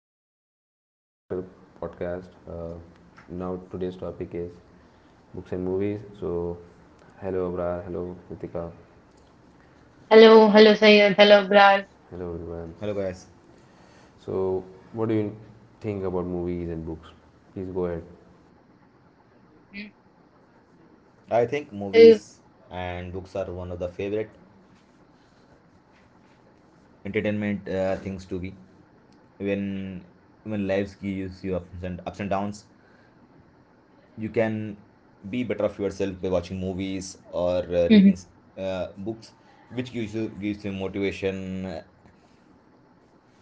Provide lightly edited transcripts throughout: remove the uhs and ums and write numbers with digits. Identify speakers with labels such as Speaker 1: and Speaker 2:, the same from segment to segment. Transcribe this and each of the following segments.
Speaker 1: everyone, welcome back to the podcast. Now today's topic is books and movies. So, hello Abrar, hello Ritika,
Speaker 2: Hello, hello, Sayed. Hello, Abrar.
Speaker 1: hello everyone.
Speaker 3: Hello guys.
Speaker 1: So, what do you think about movies and books? Please go ahead.
Speaker 2: Mhm.
Speaker 3: I think
Speaker 2: Uh,
Speaker 3: movies and books are one of the favorite entertainment things to be. When when lives gives you ups and ups and downs, you can be better of yourself by watching movies or
Speaker 2: mhm.
Speaker 3: reading books, which gives you motivation.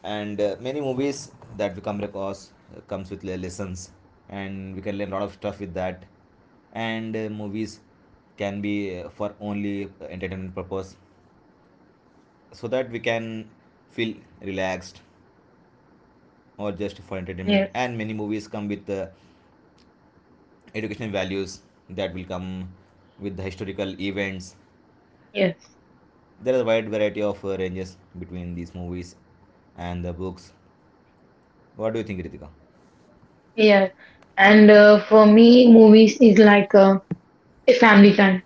Speaker 3: And many movies that we come across comes with lessons, and we can learn a lot of stuff with that and movies can be for only entertainment purpose so that we can feel relaxed or just for entertainment,
Speaker 2: Yes,
Speaker 3: and many movies come with the educational values that will come with the historical events.
Speaker 2: yes,
Speaker 3: There is a wide variety of ranges between these movies and the books. What do you think, Ritika?
Speaker 2: yeah. And for me, movies is like a family time.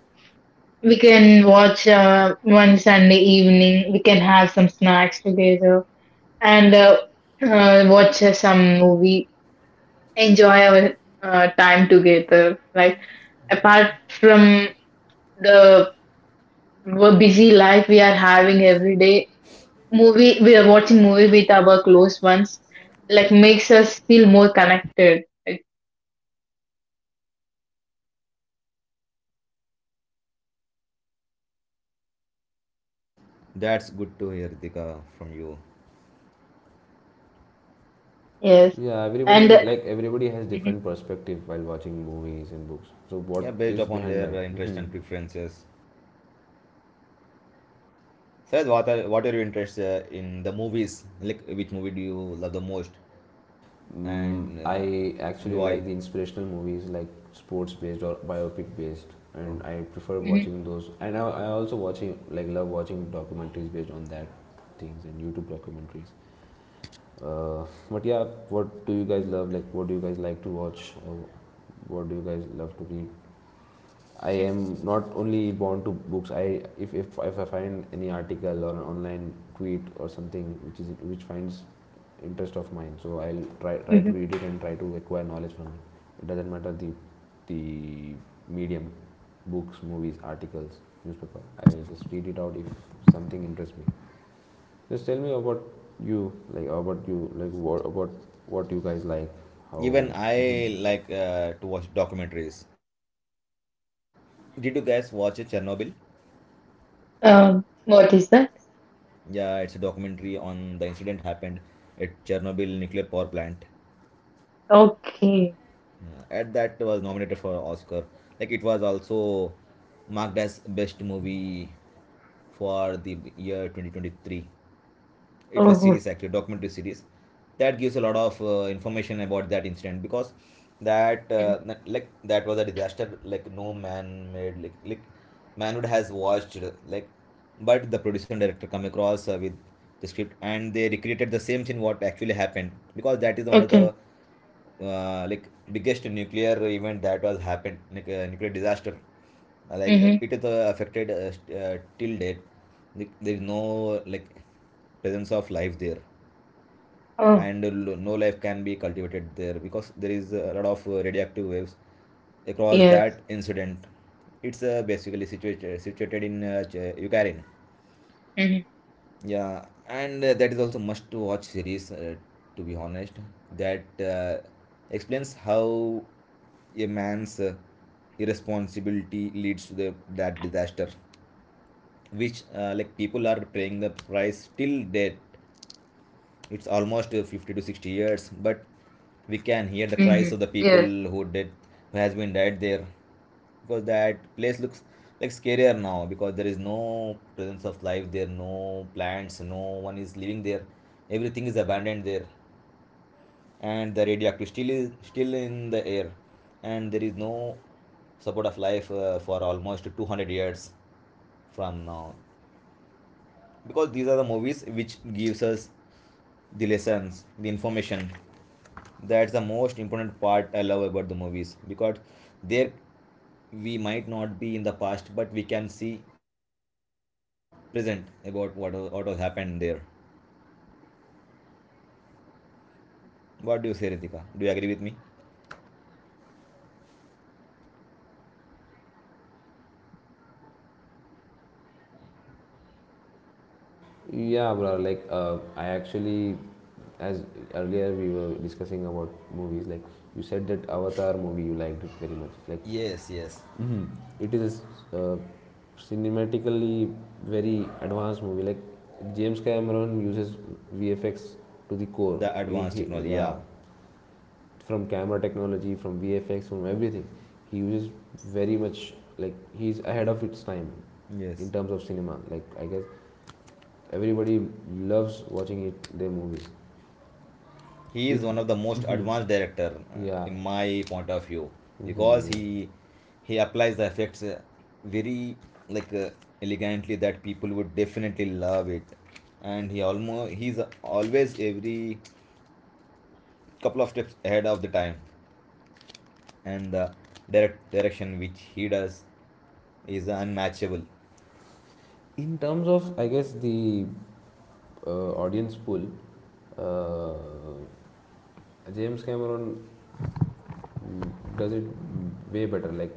Speaker 2: We can watch one Sunday evening. We can have some snacks together and watch some movie. Enjoy our time together. Like apart from the busy life we are having every day movie we are watching movie with our close ones like makes us feel more connected. Like,
Speaker 3: That's good to hear, Ritika, from you.
Speaker 2: yes
Speaker 1: Yeah,
Speaker 2: and
Speaker 1: everybody like everybody has
Speaker 2: Mhm,
Speaker 1: different perspective while watching movies and books. So,
Speaker 3: Yeah,
Speaker 1: what
Speaker 3: based
Speaker 1: is
Speaker 3: upon
Speaker 1: behind
Speaker 3: their
Speaker 1: that?
Speaker 3: interest and preferences. Says what are your interests in the movies, like which movie do you love the most?
Speaker 1: Mm,
Speaker 3: And
Speaker 1: I
Speaker 3: and
Speaker 1: actually
Speaker 3: why?
Speaker 1: like the inspirational movies like sports based or biopic based,
Speaker 3: Oh.
Speaker 1: and I prefer
Speaker 2: mhm,
Speaker 1: watching those. And I also watching like love watching documentaries based on that things and YouTube documentaries. But yeah, what do you guys love? Like, what do you guys like to watch, or what do you guys love to read? I
Speaker 2: mhm,
Speaker 1: am not only bound to books. I if I find any article or an online tweet or something which is which finds interest of mine, so I'll try to
Speaker 2: mhm.
Speaker 1: read it and try to acquire knowledge from it. It doesn't matter the medium, books, movies, articles, newspaper. I just read it out if something interests me. Just tell me about you, like what about what you guys like, how.
Speaker 3: Even
Speaker 1: Mhm.
Speaker 3: I like to watch documentaries. Like, did you guys watch it, Chernobyl?
Speaker 2: What is that.
Speaker 3: Yeah, it's a documentary on the incident happened at Chernobyl nuclear power plant.
Speaker 2: Okay.
Speaker 3: Yeah. At that was nominated for Oscar. Like, it was also marked as best movie for the year 2023. It was
Speaker 2: Oh
Speaker 3: series, actually documentary series, that gives a lot of information about that incident. Because that
Speaker 2: mhm.
Speaker 3: like that was a disaster like no man made, like manhood has watched like, but the producer and director come across with the script and they recreated the same thing what actually happened, because that is one of the
Speaker 2: Okay.
Speaker 3: like biggest nuclear event that was happened, like nuclear disaster. Like,
Speaker 2: Hmm.
Speaker 3: it is affected till date. Like, there is no like presence of life there,
Speaker 2: Oh.
Speaker 3: and no life can be cultivated there because there is a lot of radioactive waves across that
Speaker 2: Yes.
Speaker 3: incident. It's basically situated in Ukraine.
Speaker 2: Hmm.
Speaker 3: Yeah, and that is also must to watch series. To be honest, that explains how a man's irresponsibility leads to the that disaster, which like people are paying the price till death. It's almost 50 to 60 years, but we can hear the
Speaker 2: Hmm.
Speaker 3: cries of the people
Speaker 2: Yes.
Speaker 3: who did, who has been died there, because that place looks like scarier now. Because there is no presence of life there, no plants, no one is living there, everything is abandoned there, and the radioactive still is still in the air, and there is no support of life for almost 200 years from now. Because these are the movies which gives us the lessons, the information. That's the most important part I love about the movies, because there we might not be in the past, but we can see the present about what has happened there. What do you say, Ritika, do you agree with me?
Speaker 1: Yeah, bro. I actually, as earlier we were discussing about movies, like you said that Avatar movie you liked it very much. Like,
Speaker 3: Yes, yes.
Speaker 1: hmm, it is uh, cinematically very advanced movie. Like, James Cameron uses VFX to the core.
Speaker 3: The advanced technology,
Speaker 1: Yeah,
Speaker 3: yeah.
Speaker 1: from camera technology, from VFX, from everything. He uses very much like he's ahead of its time
Speaker 3: Yes,
Speaker 1: in terms of cinema. Like I guess everybody loves watching it, their movies.
Speaker 3: he is
Speaker 1: It,
Speaker 3: one of the most
Speaker 1: mm-hmm,
Speaker 3: advanced director
Speaker 1: yeah,
Speaker 3: in my point of view,
Speaker 1: hmm,
Speaker 3: because
Speaker 1: yeah.
Speaker 3: he applies the effects very like elegantly that people would definitely love it. And he almost he's always every couple of steps ahead of the time, and the direction which he does is unmatchable.
Speaker 1: In terms of, I guess the audience pool, uh, James Cameron, mm, does it way better. Like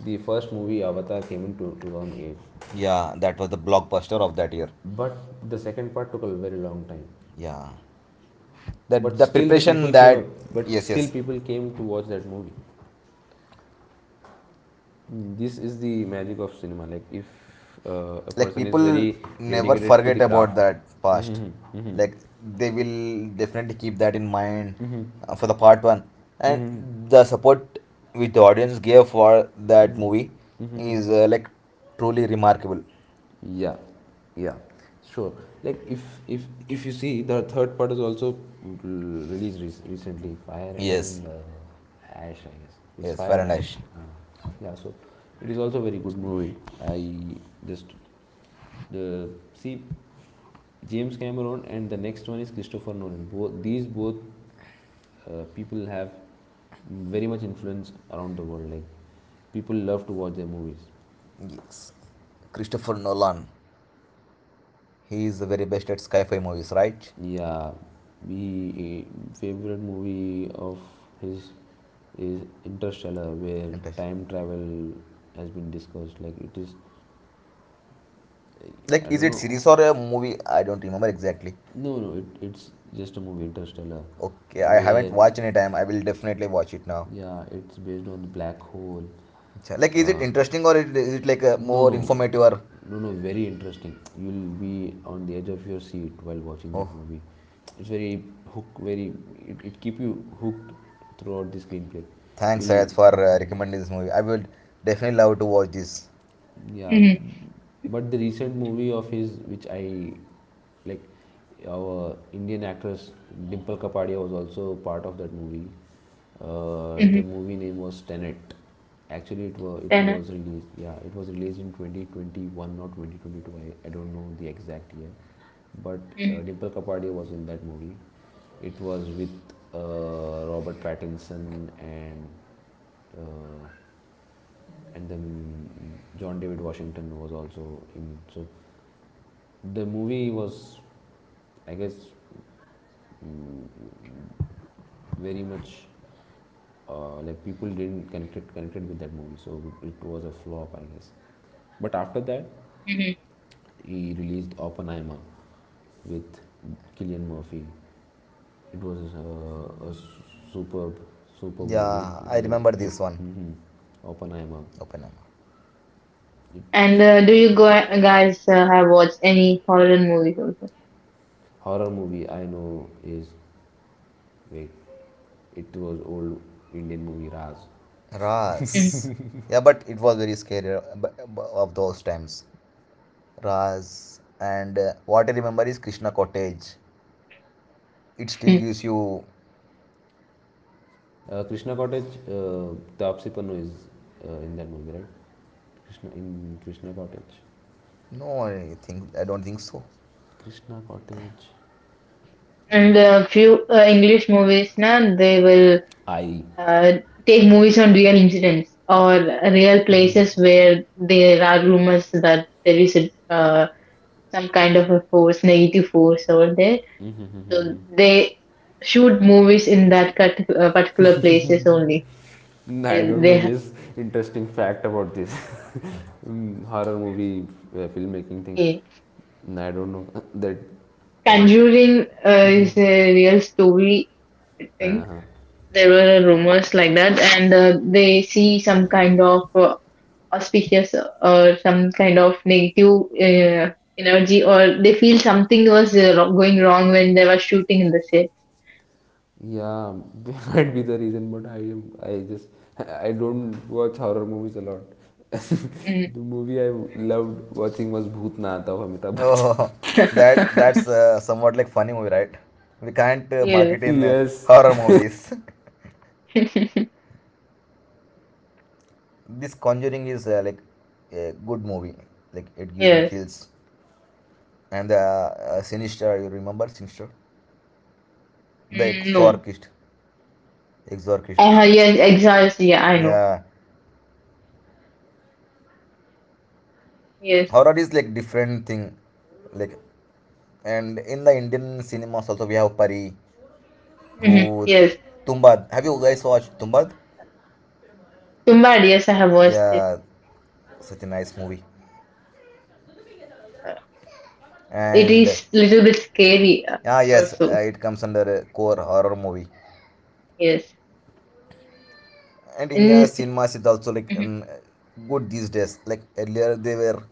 Speaker 1: the first movie Avatar came in 2008,
Speaker 3: Yeah, that was the blockbuster of that year.
Speaker 1: but the second part took a very long time.
Speaker 3: Yeah, that
Speaker 1: But
Speaker 3: the
Speaker 1: still, the
Speaker 3: preparation
Speaker 1: people came
Speaker 3: that.
Speaker 1: up. But
Speaker 3: Yes,
Speaker 1: still,
Speaker 3: yes,
Speaker 1: people came to watch that movie. Mm, this is the magic of cinema. Like if a
Speaker 3: like
Speaker 1: person is
Speaker 3: people
Speaker 1: very
Speaker 3: never
Speaker 1: dedicated to the
Speaker 3: forget about
Speaker 1: craft.
Speaker 3: that past.
Speaker 1: Mhm, mhm.
Speaker 3: Like, they will definitely keep that in mind for the part one, and the support which the audience gave for that movie is like truly remarkable.
Speaker 1: Yeah, yeah, sure. Like if if you see the third part is also released recently, Fire
Speaker 3: Yes,
Speaker 1: and Ash, I guess it's
Speaker 3: yes,
Speaker 1: Fire and Ash.
Speaker 3: Fahrenheit.
Speaker 1: Uh, yeah, so it is also a very good movie. I just the See, James Cameron and the next one is Christopher Nolan. Both people have very much influence around the world. Like people love to watch their movies.
Speaker 3: Yes, Christopher Nolan, he is the very best at sci-fi movies, right?
Speaker 1: Yeah, Favorite movie of his is Interstellar, where
Speaker 3: Interesting.
Speaker 1: time travel has been discussed. Like it is,
Speaker 3: Like,
Speaker 1: I
Speaker 3: is
Speaker 1: don't
Speaker 3: it
Speaker 1: know.
Speaker 3: series or a movie, I don't remember exactly.
Speaker 1: No, no, it, It's just a movie, Interstellar,
Speaker 3: Okay, I haven't
Speaker 1: where
Speaker 3: watched any time, I will definitely watch it now.
Speaker 1: yeah, it's based on the black hole.
Speaker 3: Like, is it
Speaker 1: Uh,
Speaker 3: interesting or is it like
Speaker 1: no,
Speaker 3: more
Speaker 1: no,
Speaker 3: informative? Or
Speaker 1: no, no, Very interesting. You'll be on the edge of your seat while watching
Speaker 3: oh,
Speaker 1: that movie. It's very it, it keep you hooked throughout the screenplay.
Speaker 3: thanks,
Speaker 1: You'll
Speaker 3: Sayed, for
Speaker 1: mm-hmm.
Speaker 3: recommending this movie. I will definitely love to watch this.
Speaker 1: Yeah,
Speaker 2: Hmm.
Speaker 1: but the recent movie of his, which I like, our Indian actress Dimple Kapadia was also part of that movie. The
Speaker 2: Hmm.
Speaker 1: movie name was Tenet. Actually, it
Speaker 2: Then.
Speaker 1: was released. Yeah, it was released in 2021 or 2022. I don't know the exact year, but
Speaker 2: Hmm.
Speaker 1: Dimple Kapadia was in that movie. It was with Robert Pattinson and uh, then John David Washington was also in it. So the movie was, I guess, very much like people didn't connected with that movie, so it was a flop, I guess. But after that
Speaker 2: Hmm.
Speaker 1: he released Oppenheimer with Killian Murphy. It was a superb, superb movie.
Speaker 3: Yeah,
Speaker 1: It
Speaker 3: I
Speaker 1: was a
Speaker 3: remember
Speaker 1: hit.
Speaker 3: this one.
Speaker 1: Hmm, Oppenheimer.
Speaker 3: Open up.
Speaker 2: And
Speaker 1: It's
Speaker 2: do you go guys have watched any horror movies also?
Speaker 1: horror movie I know is, wait, it was old Indian movie Raz.
Speaker 3: Raz. Yeah, but it was very scary of those times. Raz. And what I remember is Krishna Cottage. It still
Speaker 2: Mhm.
Speaker 3: gives you.
Speaker 1: Krishna Cottage. Tapsi Pannu is in that movie, right? Krishna Cottage.
Speaker 3: No, I think I don't think so.
Speaker 1: Krishna Cottage, I
Speaker 2: And
Speaker 1: guess.
Speaker 2: a few english movies now they will
Speaker 1: I.
Speaker 2: Uh, take movies on real incidents or real
Speaker 1: Mm-hmm.
Speaker 2: places where there are rumors that there is a, some kind of a force, negative force over there. So
Speaker 1: Mm-hmm.
Speaker 2: they shoot movies in that particular places only. They,
Speaker 1: I don't
Speaker 2: they
Speaker 1: know this interesting fact about this. Mm, horror movie filmmaking thing.
Speaker 2: yeah.
Speaker 1: Mm, I don't know that. Oh,
Speaker 2: Conjuring is a real story, I think.
Speaker 1: uh-huh.
Speaker 2: There were rumors like that, and they see some kind of auspicious or some kind of negative energy, or they feel something was going wrong when they were shooting in the set.
Speaker 1: Yeah, that might be the reason, but I am. I just. I don't watch horror movies a lot.
Speaker 2: Mm.
Speaker 1: The movie I loved watching was Bhootnath of Amitabh
Speaker 3: Oh,
Speaker 1: Bachchan.
Speaker 3: that that's somewhat like funny movie, right? We can't
Speaker 2: yes,
Speaker 3: market in
Speaker 1: Yes.
Speaker 3: horror movies. This conjuring is like a good movie, like it gives you
Speaker 2: yes,
Speaker 3: chills. And the sinister, you remember sinister, the
Speaker 2: Mm, no,
Speaker 3: exorcist, exorcist.
Speaker 2: I yes, exactly. Yeah, I know.
Speaker 3: Yeah,
Speaker 2: Yes,
Speaker 3: horror is like different thing, like, and in the Indian cinemas also we have Pari,
Speaker 2: Mhm.
Speaker 3: Bhoot,
Speaker 2: Yes,
Speaker 3: Tumbad. Have you guys watched Tumbad?
Speaker 2: Tumbad. Yes, I have watched it.
Speaker 3: Yeah, such a nice movie.
Speaker 2: Uh, It
Speaker 3: And ah,
Speaker 2: is little bit scary,
Speaker 3: yes,
Speaker 2: also.
Speaker 3: it comes under core horror movie.
Speaker 2: Yes.
Speaker 3: And India
Speaker 2: Mm,
Speaker 3: cinemas is also like
Speaker 2: mhm,
Speaker 3: good these days. Like, earlier they were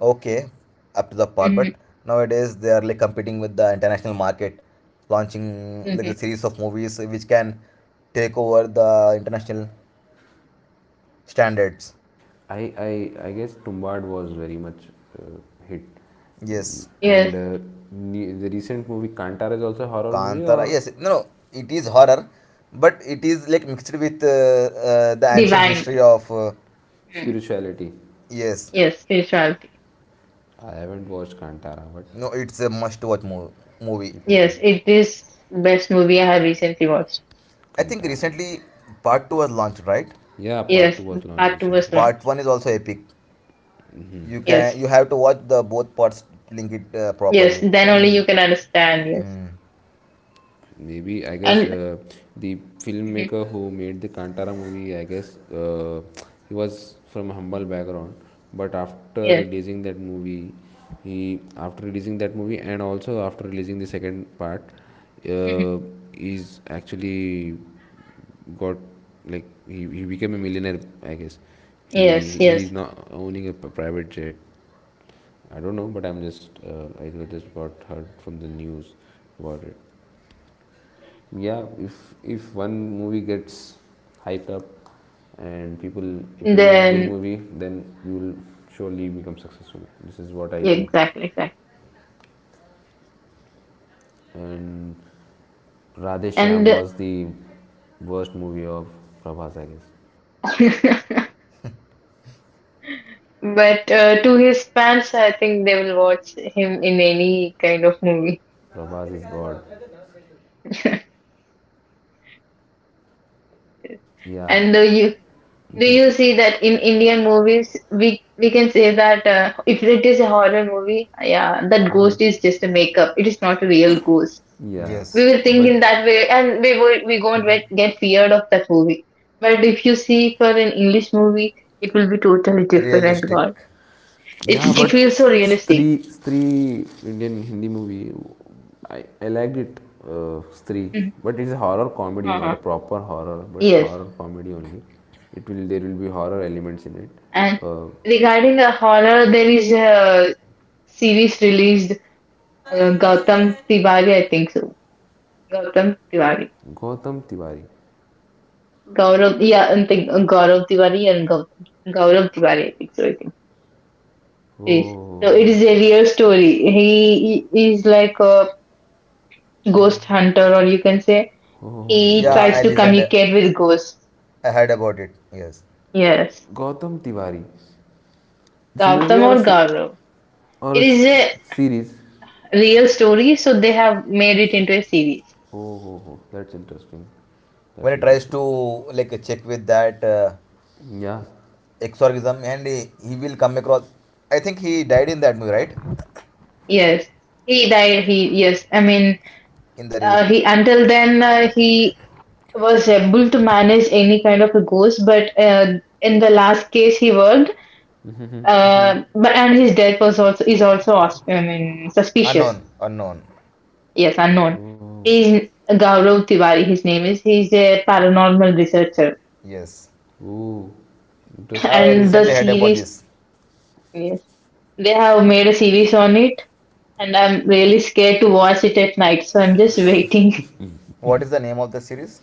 Speaker 3: okay up to the par,
Speaker 2: mhm,
Speaker 3: but nowadays they are like competing with the international market, launching like
Speaker 2: mhm.
Speaker 3: a series of movies which can take over the international standards.
Speaker 1: I guess Tumbad was very much uh, hit. Mm.
Speaker 3: Yes,
Speaker 2: Yes.
Speaker 1: And the recent movie Kantara is also a horror movie
Speaker 3: Kantara.
Speaker 1: or
Speaker 3: Yes, no, no, it is horror, but it is like mixed with the ancient
Speaker 2: Divine.
Speaker 3: history of.
Speaker 2: Hmm.
Speaker 1: spirituality?
Speaker 3: Yes,
Speaker 2: Yes, spirituality.
Speaker 1: I haven't watched Kantara, but
Speaker 3: no, it's a movie.
Speaker 2: Yes, it is best movie I have recently watched.
Speaker 3: I think
Speaker 1: Kantara.
Speaker 3: recently part two was launched, right?
Speaker 1: Yeah, part two
Speaker 2: Yes,
Speaker 1: was launched
Speaker 2: part two was
Speaker 1: recently.
Speaker 2: launched.
Speaker 3: Part one is also epic.
Speaker 1: Hmm.
Speaker 3: You can,
Speaker 2: Yes,
Speaker 3: you have to watch the both parts, link it
Speaker 2: yes.
Speaker 3: properly.
Speaker 2: Then only you can understand. Yes,
Speaker 3: Mm,
Speaker 1: Maybe I guess
Speaker 2: and
Speaker 1: the
Speaker 2: Mhm.
Speaker 1: filmmaker who made the Kantara movie, I guess he was from humble background, but after
Speaker 2: Yes,
Speaker 1: releasing that movie, he after releasing that movie and also after releasing the second part,
Speaker 2: Mhm.
Speaker 1: uh, he's actually got like he became a millionaire. I guess
Speaker 2: Yes,
Speaker 1: he's
Speaker 2: yes.
Speaker 1: not owning a private jet. I don't know, but I'm just I just got heard from the news about it. Yeah, if one movie gets hyped up and people if you make good
Speaker 2: Then
Speaker 1: movie then you will surely become successful. This is what I
Speaker 2: yeah,
Speaker 1: feel.
Speaker 2: exactly, exactly.
Speaker 1: And Radheshyam
Speaker 2: And
Speaker 1: was the worst movie of Prabhas, I guess.
Speaker 2: but to his fans, I think they will watch him in any kind of movie.
Speaker 1: Prabhas is god. Yeah,
Speaker 2: And you do you see that in Indian movies? We can say that if it is a horror movie, yeah, that ghost is just a makeup. It is not a real ghost.
Speaker 1: yeah,
Speaker 2: We
Speaker 3: yes,
Speaker 2: will think
Speaker 1: but
Speaker 2: in that way, and we won't get feared of that movie. But if you see for an English movie, it will be totally different.
Speaker 3: realistic.
Speaker 2: God, it's
Speaker 1: yeah,
Speaker 2: it
Speaker 1: but
Speaker 2: feels so realistic.
Speaker 1: Stree, Stree, Indian Hindi movie, I liked it, Stree.
Speaker 2: Mhm.
Speaker 1: But it's a horror comedy, not a
Speaker 2: Uh-huh.
Speaker 1: proper horror, but
Speaker 2: Yes,
Speaker 1: horror comedy only. It will there will be horror elements in it.
Speaker 2: and
Speaker 1: Uh,
Speaker 2: regarding the horror, there is a series released, Gautam Tiwari, I think so. Gautam Tiwari.
Speaker 1: Gautam Tiwari.
Speaker 2: Gaurav, yeah, and think Gaurav Tiwari and Gaurav, Gaurav Tiwari, I think so. I think it is. So it
Speaker 1: Oh,
Speaker 2: is a real story. He is like a ghost hunter, or you can say
Speaker 1: oh,
Speaker 2: he
Speaker 3: Yeah,
Speaker 1: Ghost
Speaker 2: tries
Speaker 3: I
Speaker 2: to
Speaker 1: Hunter.
Speaker 3: listened.
Speaker 2: communicate with ghosts.
Speaker 3: I heard about it. Yes,
Speaker 2: Yes,
Speaker 1: Gautam Tiwari. It's a movie
Speaker 2: Gautam
Speaker 1: or a
Speaker 2: or Gaurav. It is a
Speaker 1: series?
Speaker 2: real story, so they have made it into a series.
Speaker 1: Oh, oh, oh, that's interesting. That's
Speaker 3: when he tries
Speaker 1: interesting.
Speaker 3: to like check with that
Speaker 1: Yeah.
Speaker 3: exorcism, and he will come across. I think he died in that movie, right?
Speaker 2: Yes, he died. He yes, I mean,
Speaker 3: In the real story.
Speaker 2: he until then he was able to manage any kind of a ghost, but in the last case he worked. But and his death was also is also I mean suspicious.
Speaker 3: Unknown, unknown.
Speaker 2: Yes, unknown.
Speaker 1: Oh.
Speaker 2: He's Gaurav Tiwari. His name is. He's a paranormal researcher,
Speaker 3: Yes,
Speaker 1: Ooh, interesting,
Speaker 3: I
Speaker 2: and the
Speaker 3: recently
Speaker 1: interesting
Speaker 3: heard
Speaker 1: movie.
Speaker 3: about
Speaker 2: series.
Speaker 3: this.
Speaker 2: Yes, they have made a series on it, and I'm really scared to watch it at night. So I'm just waiting.
Speaker 3: What is the name of the series?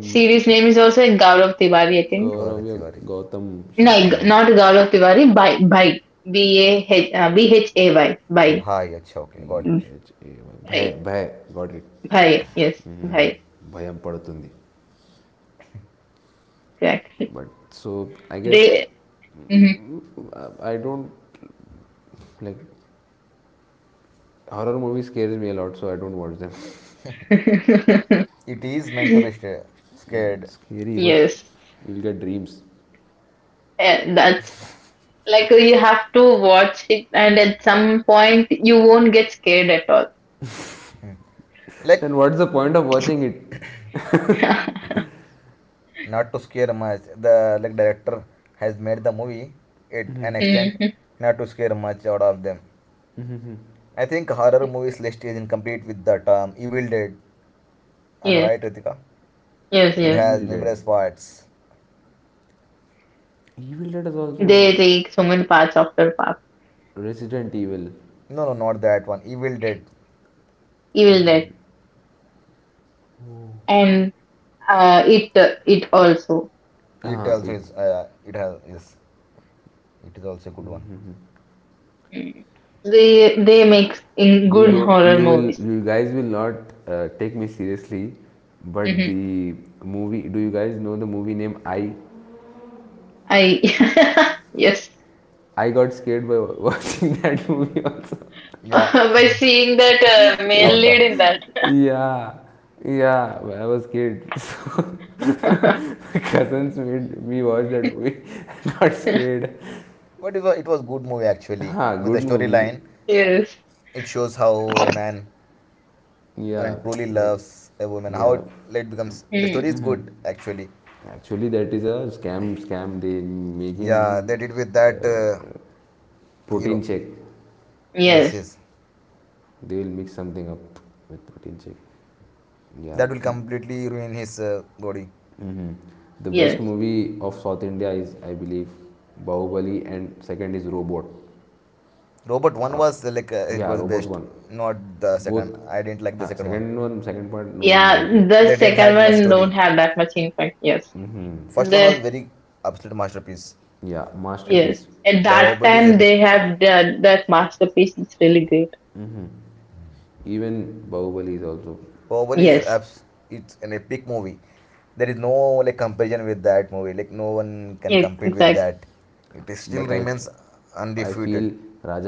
Speaker 2: Series name is also Gaurav Tiwari, I think.
Speaker 3: Gaurav
Speaker 1: Kauravya
Speaker 3: Tiwari.
Speaker 1: Gautam,
Speaker 2: No,
Speaker 1: she's
Speaker 2: G-
Speaker 1: telling.
Speaker 2: not Gaurav Tiwari. Bhai, Bhai, Bah Bhay, Bhai,
Speaker 3: Bhai, acha, okay, got
Speaker 1: P
Speaker 3: it.
Speaker 2: Mm,
Speaker 1: H A Y.
Speaker 2: Bhai,
Speaker 1: Bhay, Bhay, got it.
Speaker 2: Bhai. Yes,
Speaker 1: Mm,
Speaker 2: Bhai.
Speaker 1: భయం పడుతుంది
Speaker 2: Exactly.
Speaker 1: But so I guess
Speaker 2: They. Mm-hmm.
Speaker 1: I don't like horror movie scares me a lot so I don't Scary,
Speaker 3: It is meant to be scared,
Speaker 1: but scary but
Speaker 2: Yes,
Speaker 1: you'll get dreams.
Speaker 2: eh, that's like you have to watch it, and at some point you won't get scared at all.
Speaker 3: like,
Speaker 1: Then what's the point of watching it?
Speaker 3: not to scare much. The like director has made the movie at an extent
Speaker 2: Mhm.
Speaker 3: not to scare much out of them. I think horror movies list is incomplete with the term Evil Dead, am I
Speaker 2: Yes,
Speaker 3: right, Ritika?
Speaker 2: yes,
Speaker 3: It
Speaker 2: yes.
Speaker 3: has
Speaker 1: Evil Dead.
Speaker 3: numerous parts.
Speaker 1: Evil Dead is
Speaker 2: They
Speaker 1: also
Speaker 2: take so many parts after part.
Speaker 1: Resident Evil.
Speaker 3: No no, not that one, Evil Dead.
Speaker 2: Evil
Speaker 1: Evil.
Speaker 2: Dead
Speaker 1: Dead.
Speaker 2: and it it also.
Speaker 3: it
Speaker 1: Ah,
Speaker 3: also
Speaker 1: it,
Speaker 3: is uh, it has is it is also a good one.
Speaker 2: Mm. They make in
Speaker 1: you
Speaker 2: good
Speaker 1: don't,
Speaker 2: horror
Speaker 1: you will,
Speaker 2: movies.
Speaker 1: you guys will not take me seriously, but
Speaker 2: Hmm.
Speaker 1: the movie, do you guys know the movie name? i
Speaker 2: I yes.
Speaker 1: i got scared by watching that movie also.
Speaker 3: Yeah,
Speaker 2: By seeing that male lead
Speaker 3: avatar.
Speaker 2: in
Speaker 1: Yeah, yeah, I was scared. So
Speaker 2: that.
Speaker 1: my cousins made me watch that movie. I got scared.
Speaker 3: But it was good movie actually,
Speaker 1: Ha,
Speaker 3: with the
Speaker 1: good movie.
Speaker 3: storyline.
Speaker 2: Yes.
Speaker 3: It shows how a man
Speaker 1: Yeah,
Speaker 3: and truly
Speaker 1: like,
Speaker 3: loves a woman how
Speaker 1: yeah,
Speaker 3: it late becomes, the
Speaker 2: Mm.
Speaker 3: story is good actually.
Speaker 1: actually that is a scam they make
Speaker 3: Yeah, they
Speaker 1: him,
Speaker 3: did with that
Speaker 1: uh, protein
Speaker 3: hero.
Speaker 1: check.
Speaker 3: Yes,
Speaker 2: Yes.
Speaker 3: yes,
Speaker 1: They will mix something up with protein shake. Yeah.
Speaker 3: that will completely ruin his body.
Speaker 1: Hmm. The best
Speaker 2: Yes.
Speaker 1: movie of South India is, I believe, Bahubali, and second is Robot.
Speaker 3: Robot one
Speaker 1: Uh,
Speaker 3: was like it
Speaker 1: yeah,
Speaker 3: was
Speaker 1: Robot
Speaker 3: best,
Speaker 1: one.
Speaker 3: not the second.
Speaker 1: Both.
Speaker 3: I didn't like the
Speaker 1: Yeah,
Speaker 3: second one.
Speaker 1: second one, second part, no one
Speaker 2: Yeah,
Speaker 1: liked it.
Speaker 2: the
Speaker 3: They didn't
Speaker 2: second
Speaker 3: had much
Speaker 2: one don't
Speaker 3: story.
Speaker 2: have that much impact. Yes.
Speaker 1: Hmm.
Speaker 3: First one was
Speaker 2: That
Speaker 3: very absolute masterpiece.
Speaker 1: Yeah,
Speaker 3: And
Speaker 2: yes.
Speaker 1: masterpiece.
Speaker 2: At that
Speaker 3: Bahubali is
Speaker 2: time
Speaker 3: epic.
Speaker 2: they have done that masterpiece. It's really great.
Speaker 1: Even Bahubali is also.
Speaker 3: Bahubali is
Speaker 2: Yes.
Speaker 3: abs- it's an epic movie. There is no like comparison with that movie. Like, no one can
Speaker 2: Yeah,
Speaker 3: compete with
Speaker 2: exactly.
Speaker 3: that. It is still
Speaker 1: But I, f-
Speaker 3: remains
Speaker 1: I feel
Speaker 3: undefeated.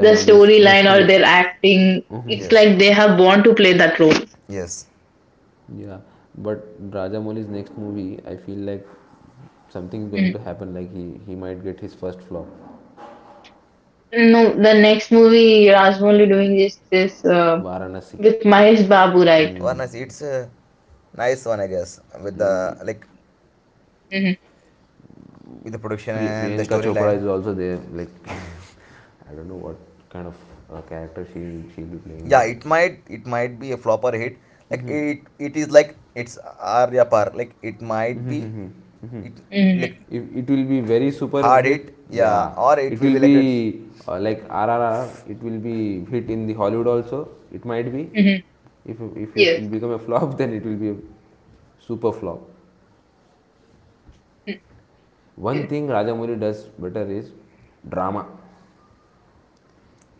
Speaker 2: The storyline
Speaker 1: next
Speaker 2: or
Speaker 1: movie.
Speaker 2: their acting, it's
Speaker 3: Yes,
Speaker 2: like they have want to play that role.
Speaker 3: yes.
Speaker 1: Yeah, but Rajamouli's next movie, I feel like something is going
Speaker 2: Mm.
Speaker 1: to happen. Like he might get his first flop,
Speaker 2: No, the next movie Rajamouli doing is this
Speaker 1: Varanasi.
Speaker 2: with Mahesh Babu, right?
Speaker 3: One nice. It's a nice one, I guess. With the like
Speaker 2: Mm-hmm.
Speaker 3: with the production and the
Speaker 1: Priyanka Chopra
Speaker 3: storyline.
Speaker 1: is also there. Like, I don't know what kind of character she is, she'll be playing, but
Speaker 3: Yeah, it might be a flop or a hit. Like it is like it's Arya Par. Like it might be it like
Speaker 2: Mm-hmm.
Speaker 1: if it will be very super
Speaker 3: hard hit,
Speaker 1: hit,
Speaker 3: yeah,
Speaker 1: yeah,
Speaker 3: or it
Speaker 1: it
Speaker 3: will
Speaker 1: will
Speaker 3: be like a.
Speaker 1: be like RRR. It will be hit in the Hollywood also. It might be.
Speaker 2: Mm-hmm.
Speaker 1: If it
Speaker 2: Yes.
Speaker 1: will become a flop, then it will be a super flop. One
Speaker 2: Mm-hmm.
Speaker 1: thing Rajamouli does better is drama.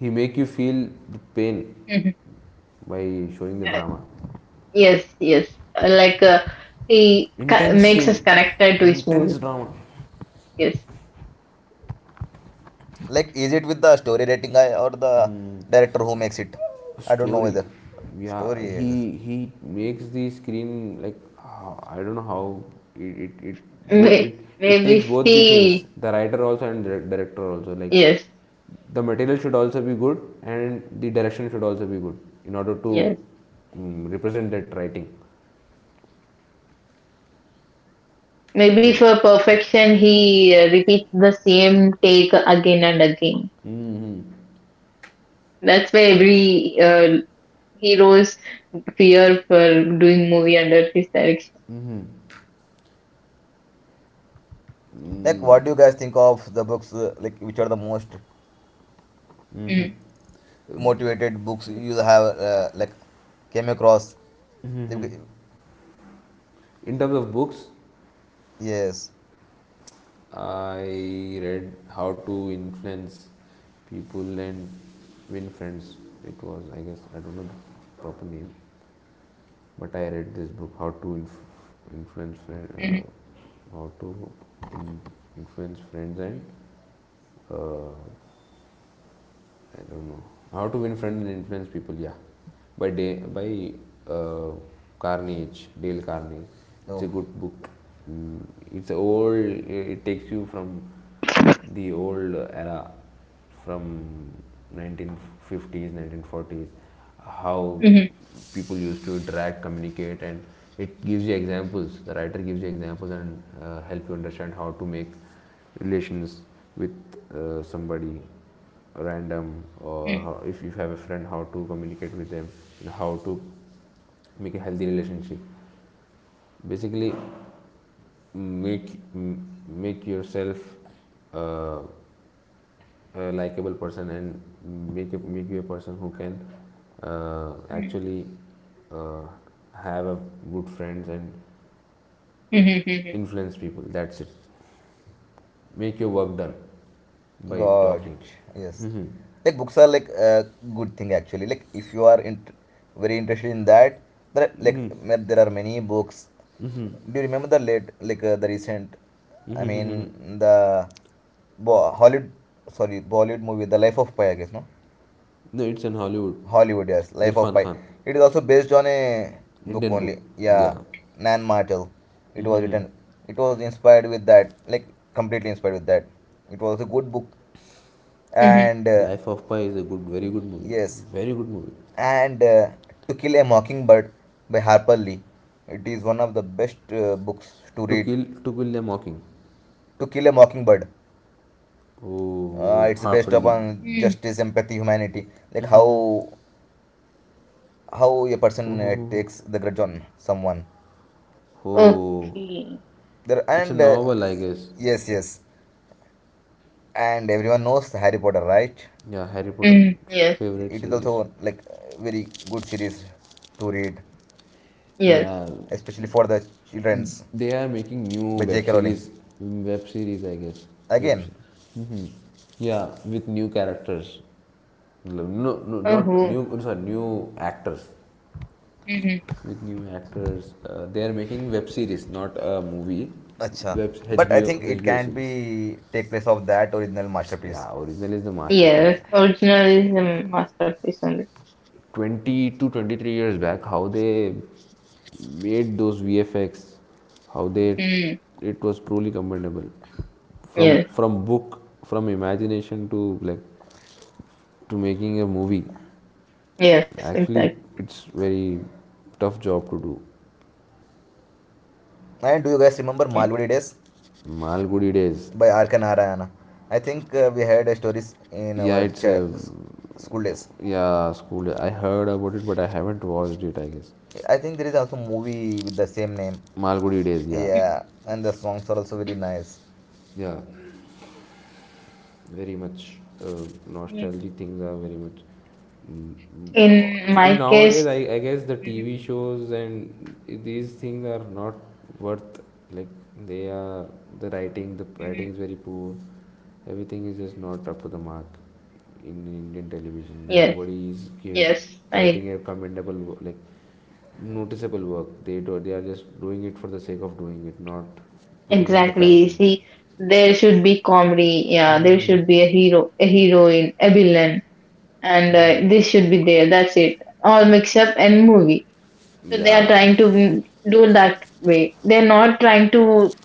Speaker 1: He make you feel the pain
Speaker 2: Mm-hmm.
Speaker 1: by showing the
Speaker 2: Yeah.
Speaker 1: drama.
Speaker 2: Yes, yes. Like, he
Speaker 1: Intense
Speaker 2: makes us
Speaker 1: scene,
Speaker 2: connected to his movie.
Speaker 1: intense drama
Speaker 2: Yes.
Speaker 3: Like, is it with the story rating guy or the director who makes it? I don't know
Speaker 1: story.
Speaker 3: whether
Speaker 1: Yeah,
Speaker 3: story. is-
Speaker 1: he makes the screen like, I don't know how,
Speaker 2: May-
Speaker 1: it, it
Speaker 2: Maybe
Speaker 1: takes both the things,
Speaker 2: he,
Speaker 1: the writer also and the director also, like
Speaker 2: yes,
Speaker 1: the material should also be good and the direction should also be good in order to,
Speaker 2: yes.
Speaker 1: mm, represent that writing.
Speaker 2: Maybe
Speaker 1: I-
Speaker 2: for perfection, he repeats the same take again and again. That's why every hero's fear for doing movie under his direction.
Speaker 3: Like, what do you guys think of the books? Like, which are the most
Speaker 2: Mm,
Speaker 3: motivated books you have? Like, came across. Like,
Speaker 1: in terms of books,
Speaker 3: yes.
Speaker 1: I read How to Influence People and Win Friends. It was, I guess, I don't know the proper name. But I read this book, How to Inf- Influence friends,
Speaker 2: mm,
Speaker 1: How to in- Influence Friends and uh, I don't know, How to Win Friends and Influence People. Yeah, by uh, Carnage, Dale Carnegie. It's a
Speaker 3: No.
Speaker 1: good book. Mm, it's old. It takes you from the old era from 1950s, 1940s, how
Speaker 2: mm,
Speaker 1: people used to interact, communicate, and it gives you examples, the writer gives you examples and help you understand how to make relations with somebody random, or
Speaker 2: mm,
Speaker 1: how, if you have a friend, how to communicate with them, and how to make a healthy relationship, basically make make yourself uh, a likable person, and make you a person who can
Speaker 2: mm,
Speaker 1: actually uh, have a good friends and
Speaker 2: mm, mm,
Speaker 1: influence people. That's it. Make your work done by
Speaker 3: God,
Speaker 1: talking.
Speaker 3: yes. Like books are like a good thing actually. Like if you are very interested in that, there are, there are many books. Do you remember the late like the recent? I mean the Hollywood, sorry Bollywood movie, The Life of Pi. I guess no,
Speaker 1: No, it's in Hollywood.
Speaker 3: Hollywood, yes, Life of
Speaker 1: Irfan
Speaker 3: Pi.
Speaker 1: Khan,
Speaker 3: It is also based on a book
Speaker 1: Indian book.
Speaker 3: only. Yeah,
Speaker 1: Yeah,
Speaker 3: Nan Martel. It was written. It was inspired with that. Like, completely inspired with that. It was a good book
Speaker 2: mm,
Speaker 3: and.
Speaker 1: Life of Pi is a good, very good movie.
Speaker 3: Yes,
Speaker 1: Very good movie.
Speaker 3: and To Kill a Mockingbird by Harper Lee. It is one of the best books to read.
Speaker 1: To Kill a Mocking.
Speaker 3: To Kill a Mockingbird,
Speaker 1: Oh,
Speaker 3: it's
Speaker 1: Harper
Speaker 3: based
Speaker 1: Lee.
Speaker 3: upon
Speaker 2: mm.
Speaker 3: justice, empathy, humanity, like how a
Speaker 1: Oh, oh,
Speaker 3: person
Speaker 1: oh. oh.
Speaker 3: takes the grudge on someone.
Speaker 1: Oh.
Speaker 2: Okay.
Speaker 3: There
Speaker 1: It's a
Speaker 3: and
Speaker 1: novel, I guess.
Speaker 3: yes, yes, and everyone knows Harry Potter, right?
Speaker 1: Yeah, Harry Potter
Speaker 2: Mm, yes,
Speaker 1: favorite
Speaker 3: It is
Speaker 1: series.
Speaker 3: also like a very good series to read,
Speaker 2: yes.
Speaker 1: Yeah,
Speaker 3: especially for the childrens
Speaker 1: they are making new
Speaker 3: by
Speaker 1: web
Speaker 3: J.K. Rowling.
Speaker 1: series, web series, I guess, web
Speaker 3: Again.
Speaker 1: se- mhm. Yeah, with new characters. No, no, no, not
Speaker 2: Oh.
Speaker 1: new, sorry, new actors. With new actors, they are making web series, not a movie.
Speaker 3: Acha.
Speaker 1: Web
Speaker 3: But I
Speaker 1: hbo
Speaker 3: think it
Speaker 1: hbo
Speaker 3: can't
Speaker 1: series.
Speaker 3: be take place of that original masterpiece.
Speaker 1: Yeah, original is the masterpiece.
Speaker 2: Yes, originalism masterpiece only.
Speaker 1: 20 to 23 years back, how they made those VFX, how they
Speaker 2: Mm.
Speaker 1: it was truly commendable. from
Speaker 2: Yes,
Speaker 1: from book, from imagination, to making a movie.
Speaker 2: yes, exactly.
Speaker 1: Actually, it's very tough job to do.
Speaker 3: And do you guys remember
Speaker 2: Yeah.
Speaker 3: Malwadi Days
Speaker 1: Malgudi Days.
Speaker 3: by R.K. Narayana? I think we had a stories in
Speaker 1: Yeah,
Speaker 3: our
Speaker 1: it's a...
Speaker 3: school days.
Speaker 1: yeah, school. I heard about it but I haven't watched it, I guess.
Speaker 3: I think there is also movie with the same name.
Speaker 1: Malgudi Days. Yeah.
Speaker 2: Mhm.
Speaker 3: Yeah, and the songs are also very nice.
Speaker 1: Yeah, very much.
Speaker 2: Mm.
Speaker 1: Nostalgic things are very much. mm,
Speaker 2: In
Speaker 1: in
Speaker 2: my
Speaker 1: nowadays,
Speaker 2: case,
Speaker 1: I guess the
Speaker 2: Mhm.
Speaker 1: TV shows and these things are not worth. Like, they are the writing the
Speaker 2: Mm.
Speaker 1: writing is very poor. Everything is just not up to the mark. In Indian television,
Speaker 2: Yes,
Speaker 1: nobody is
Speaker 2: yes, I
Speaker 1: writing a commendable wo- like noticeable work they do. They are just doing it for the sake of doing it, not putting in the
Speaker 2: exactly.
Speaker 1: passion.
Speaker 2: See, there should be comedy. Yeah, there
Speaker 1: Mm-hmm.
Speaker 2: should be a hero, a heroine, a villain, and this should be there. That's it. All mix up and movie. So they are
Speaker 1: Yeah.
Speaker 2: trying to do that way. They're not trying to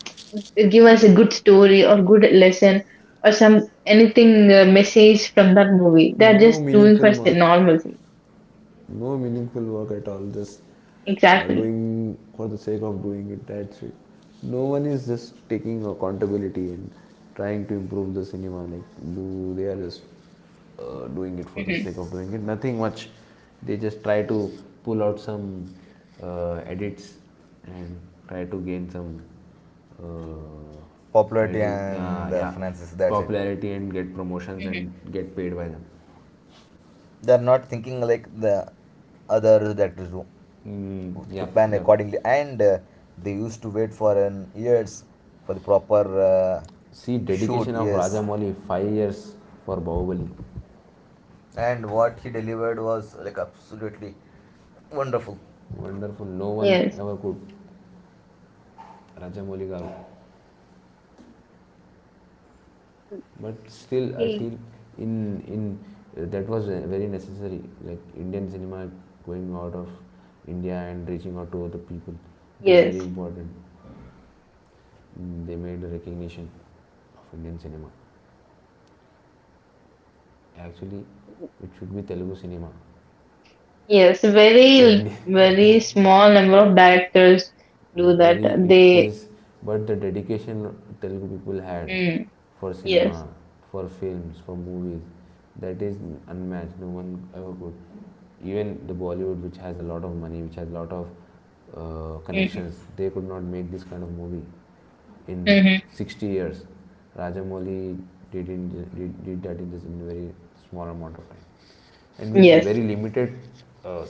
Speaker 2: give us a good story or good lesson or some anything message from that movie. They're
Speaker 1: No
Speaker 2: just doing for
Speaker 1: meaningful
Speaker 2: the
Speaker 1: work.
Speaker 2: normalcy.
Speaker 1: No meaningful work at all. Just
Speaker 2: Exactly.
Speaker 1: doing for the sake of doing it. That's it. No one is just taking accountability and trying to improve the cinema. Like, do they are just doing it for the
Speaker 2: Hmm.
Speaker 1: sake of doing it. Nothing much. They just try to pull out some edits and try to gain some uh, try
Speaker 3: Popularity
Speaker 1: to yeah,
Speaker 3: and the
Speaker 1: yeah,
Speaker 3: finances, that's it.
Speaker 1: popularity and get promotions
Speaker 2: Hmm.
Speaker 1: and get paid by them.
Speaker 3: They're not thinking like the other directors do. To
Speaker 1: Yep,
Speaker 3: plan
Speaker 1: yep.
Speaker 3: accordingly and they used to wait for an years for the proper uh,
Speaker 1: See,
Speaker 3: shoot.
Speaker 1: dedication of
Speaker 3: Yes,
Speaker 1: Rajamouli, 5 years for Bahubali.
Speaker 3: and what he delivered was like absolutely wonderful.
Speaker 1: Wonderful. No one
Speaker 2: Yes.
Speaker 1: ever could. Rajamouli Garu. But still, I
Speaker 2: Y-
Speaker 1: feel in that was very necessary. Like, Indian cinema going out of India and reaching out to other people, it is
Speaker 2: Yes.
Speaker 1: very important. They made a recognition of Indian cinema. Actually, it should be Telugu cinema.
Speaker 2: Yes.
Speaker 1: The
Speaker 2: Very
Speaker 1: Indian,
Speaker 2: very small number of directors do that.
Speaker 1: very, it
Speaker 2: They.
Speaker 1: is, but the dedication Telugu people had
Speaker 2: Mm,
Speaker 1: for
Speaker 2: yes.
Speaker 1: cinema, for films, for movies, that is unmatched. No one ever could. Even the Bollywood, which has a lot of money, which has a lot of
Speaker 2: Hmm.
Speaker 1: connections, they could not make this kind of movie in
Speaker 2: Hmm.
Speaker 1: 60 years. Rajamouli did, in, did that in just in very small amount of time, and with
Speaker 2: Yes.
Speaker 1: very limited uh,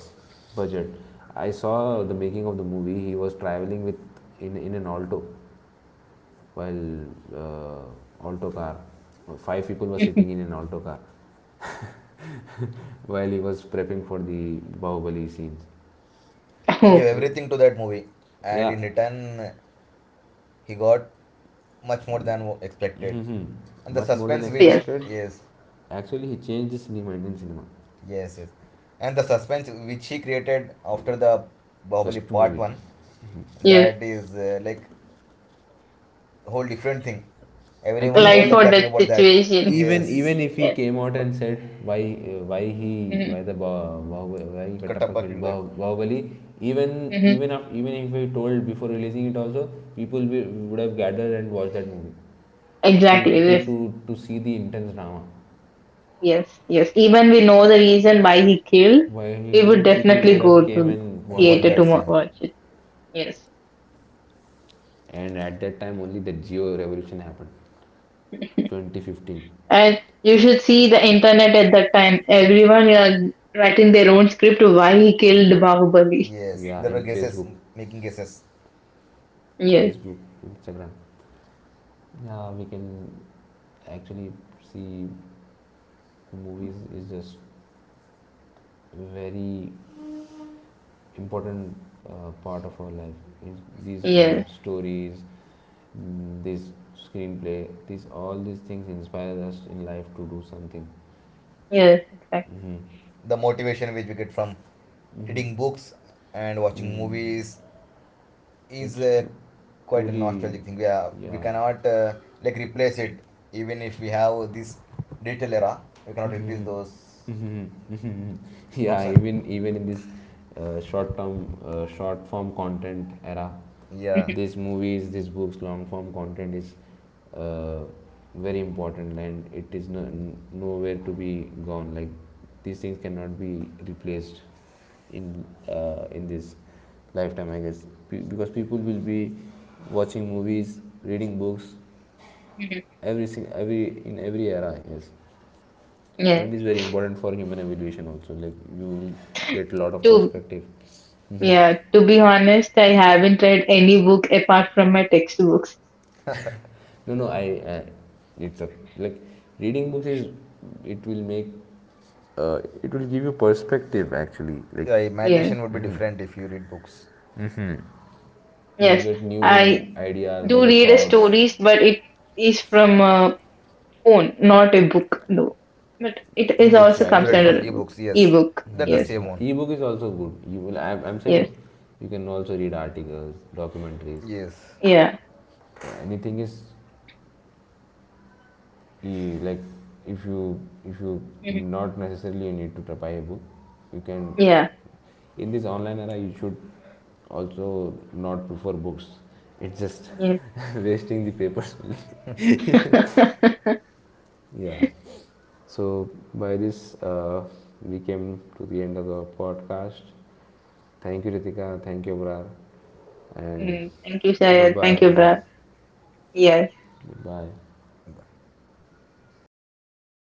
Speaker 1: budget. I saw the making of the movie. He was traveling with, in an Alto, while Alto car. Five people were
Speaker 2: Hmm.
Speaker 1: sitting in an Alto car while he was prepping for the Bahubali scenes.
Speaker 3: He
Speaker 2: Oh
Speaker 3: gave
Speaker 1: So
Speaker 3: everything to that movie, and
Speaker 1: yeah,
Speaker 3: in return he got much more than expected.
Speaker 1: mm-hmm,
Speaker 3: And the
Speaker 1: much more than
Speaker 3: suspense which,
Speaker 2: yes.
Speaker 1: expected.
Speaker 3: yes,
Speaker 1: Actually, he changed the cinema, Indian cinema.
Speaker 3: yes, yes, and the suspense which he created after the Bahubali
Speaker 1: First
Speaker 3: part
Speaker 1: movie.
Speaker 3: 1,
Speaker 2: Yes.
Speaker 3: that is like whole different thing,
Speaker 1: I
Speaker 3: everyone
Speaker 1: think
Speaker 2: Like
Speaker 3: was like
Speaker 2: for
Speaker 3: talking
Speaker 2: that
Speaker 3: about that.
Speaker 2: situation.
Speaker 1: even
Speaker 3: Yes.
Speaker 1: even if he
Speaker 2: Yes.
Speaker 1: came out
Speaker 3: But
Speaker 1: and said why, why he
Speaker 2: Hmm.
Speaker 1: why Kattappa
Speaker 3: Kattappa
Speaker 1: killed
Speaker 3: killed that.
Speaker 1: Bahubali,
Speaker 2: Hmm.
Speaker 1: even if he told before releasing it also, would have gathered and watched that movie to
Speaker 2: Exactly.
Speaker 1: to
Speaker 2: Yes.
Speaker 1: to, to see the intense drama.
Speaker 2: Yes, yes. Even we know the reason why he killed,
Speaker 1: Why he
Speaker 2: we would
Speaker 1: killed, people
Speaker 2: definitely
Speaker 1: would have
Speaker 2: go
Speaker 1: came
Speaker 2: to
Speaker 1: and
Speaker 3: And
Speaker 1: watched
Speaker 3: was
Speaker 1: that
Speaker 2: theater to
Speaker 3: that
Speaker 1: movie.
Speaker 3: same?
Speaker 2: watch it. Yes.
Speaker 1: And at that time only, the Geo revolution happened. 2015.
Speaker 2: And you should see the internet at that time. Everyone are writing their own script of why he killed Bahubali.
Speaker 3: Yes,
Speaker 1: Yeah,
Speaker 3: there were
Speaker 1: in
Speaker 3: guesses,
Speaker 1: Facebook,
Speaker 3: making guesses.
Speaker 2: Yes,
Speaker 1: facebook Instagram. Yeah, we can actually see the movies is just very important part of our life. It's, these in
Speaker 2: yes,
Speaker 1: stories, this screenplay, these all these things inspire us in life to do something.
Speaker 2: yes, exactly.
Speaker 1: Hmm.
Speaker 3: The motivation which we get from reading books and watching
Speaker 1: Mm.
Speaker 3: movies is
Speaker 1: It's
Speaker 3: quite a
Speaker 1: truly,
Speaker 3: nostalgic thing. Yeah, we
Speaker 1: yeah.
Speaker 3: cannot like replace it. Even if we have this digital era, we cannot replace those
Speaker 1: Mhm.
Speaker 3: books.
Speaker 1: Yeah,
Speaker 3: And
Speaker 1: even in this short term, short form content era,
Speaker 3: yeah,
Speaker 2: Mhm,
Speaker 1: these movies, these books, long form content is uh, very important, and it is no, nowhere to be gone. Like, these things cannot be replaced in this lifetime, I guess, because people will be watching movies, reading books,
Speaker 2: mhm. Mhm.
Speaker 1: every era, I guess.
Speaker 2: Yeah.
Speaker 1: And it is very important for human evolution also. Like, you will get a lot of
Speaker 2: To
Speaker 1: perspective. Hmm.
Speaker 2: yeah, to be honest, I haven't read any book apart from my textbooks.
Speaker 1: No, no, I it's a, like, reading books is, it will make, it will give you perspective, actually. Like,
Speaker 3: your
Speaker 2: Yeah.
Speaker 3: imagination would be different if you read books.
Speaker 1: you
Speaker 2: Yes.
Speaker 1: get
Speaker 2: I
Speaker 1: new ideas,
Speaker 2: do
Speaker 1: new
Speaker 2: read
Speaker 1: thoughts.
Speaker 2: stories, but it is from phone, not a book, though. But it is also
Speaker 3: E-books,
Speaker 1: Try
Speaker 3: you
Speaker 1: to
Speaker 3: read
Speaker 1: do.
Speaker 3: from
Speaker 2: considered a book,
Speaker 3: e-books. Yes,
Speaker 2: ebook.
Speaker 3: that's
Speaker 1: Hmm.
Speaker 3: the
Speaker 2: Yes,
Speaker 3: same
Speaker 1: Yeah,
Speaker 3: one.
Speaker 1: ebook is also good. You will, I'm saying
Speaker 2: yes,
Speaker 1: no, you can also read articles, documentaries,
Speaker 3: Yes.
Speaker 2: yeah,
Speaker 1: anything is. You like, if you
Speaker 2: Mhm.
Speaker 1: not necessarily you need to buy a book. You can,
Speaker 2: Yeah,
Speaker 1: in this online era, you should also not prefer books. It's just
Speaker 2: yes.
Speaker 1: wasting the papers. Yeah. So by this, we came to the end of the podcast. Thank you, Ritika. Thank you, Abrar. And
Speaker 2: Mm, thank you,
Speaker 1: bye
Speaker 2: Shayad. Thank
Speaker 3: Thank
Speaker 1: bye.
Speaker 3: you
Speaker 2: you,
Speaker 3: guys.
Speaker 2: Brad. Yes.
Speaker 1: Bye bye.
Speaker 3: Bye.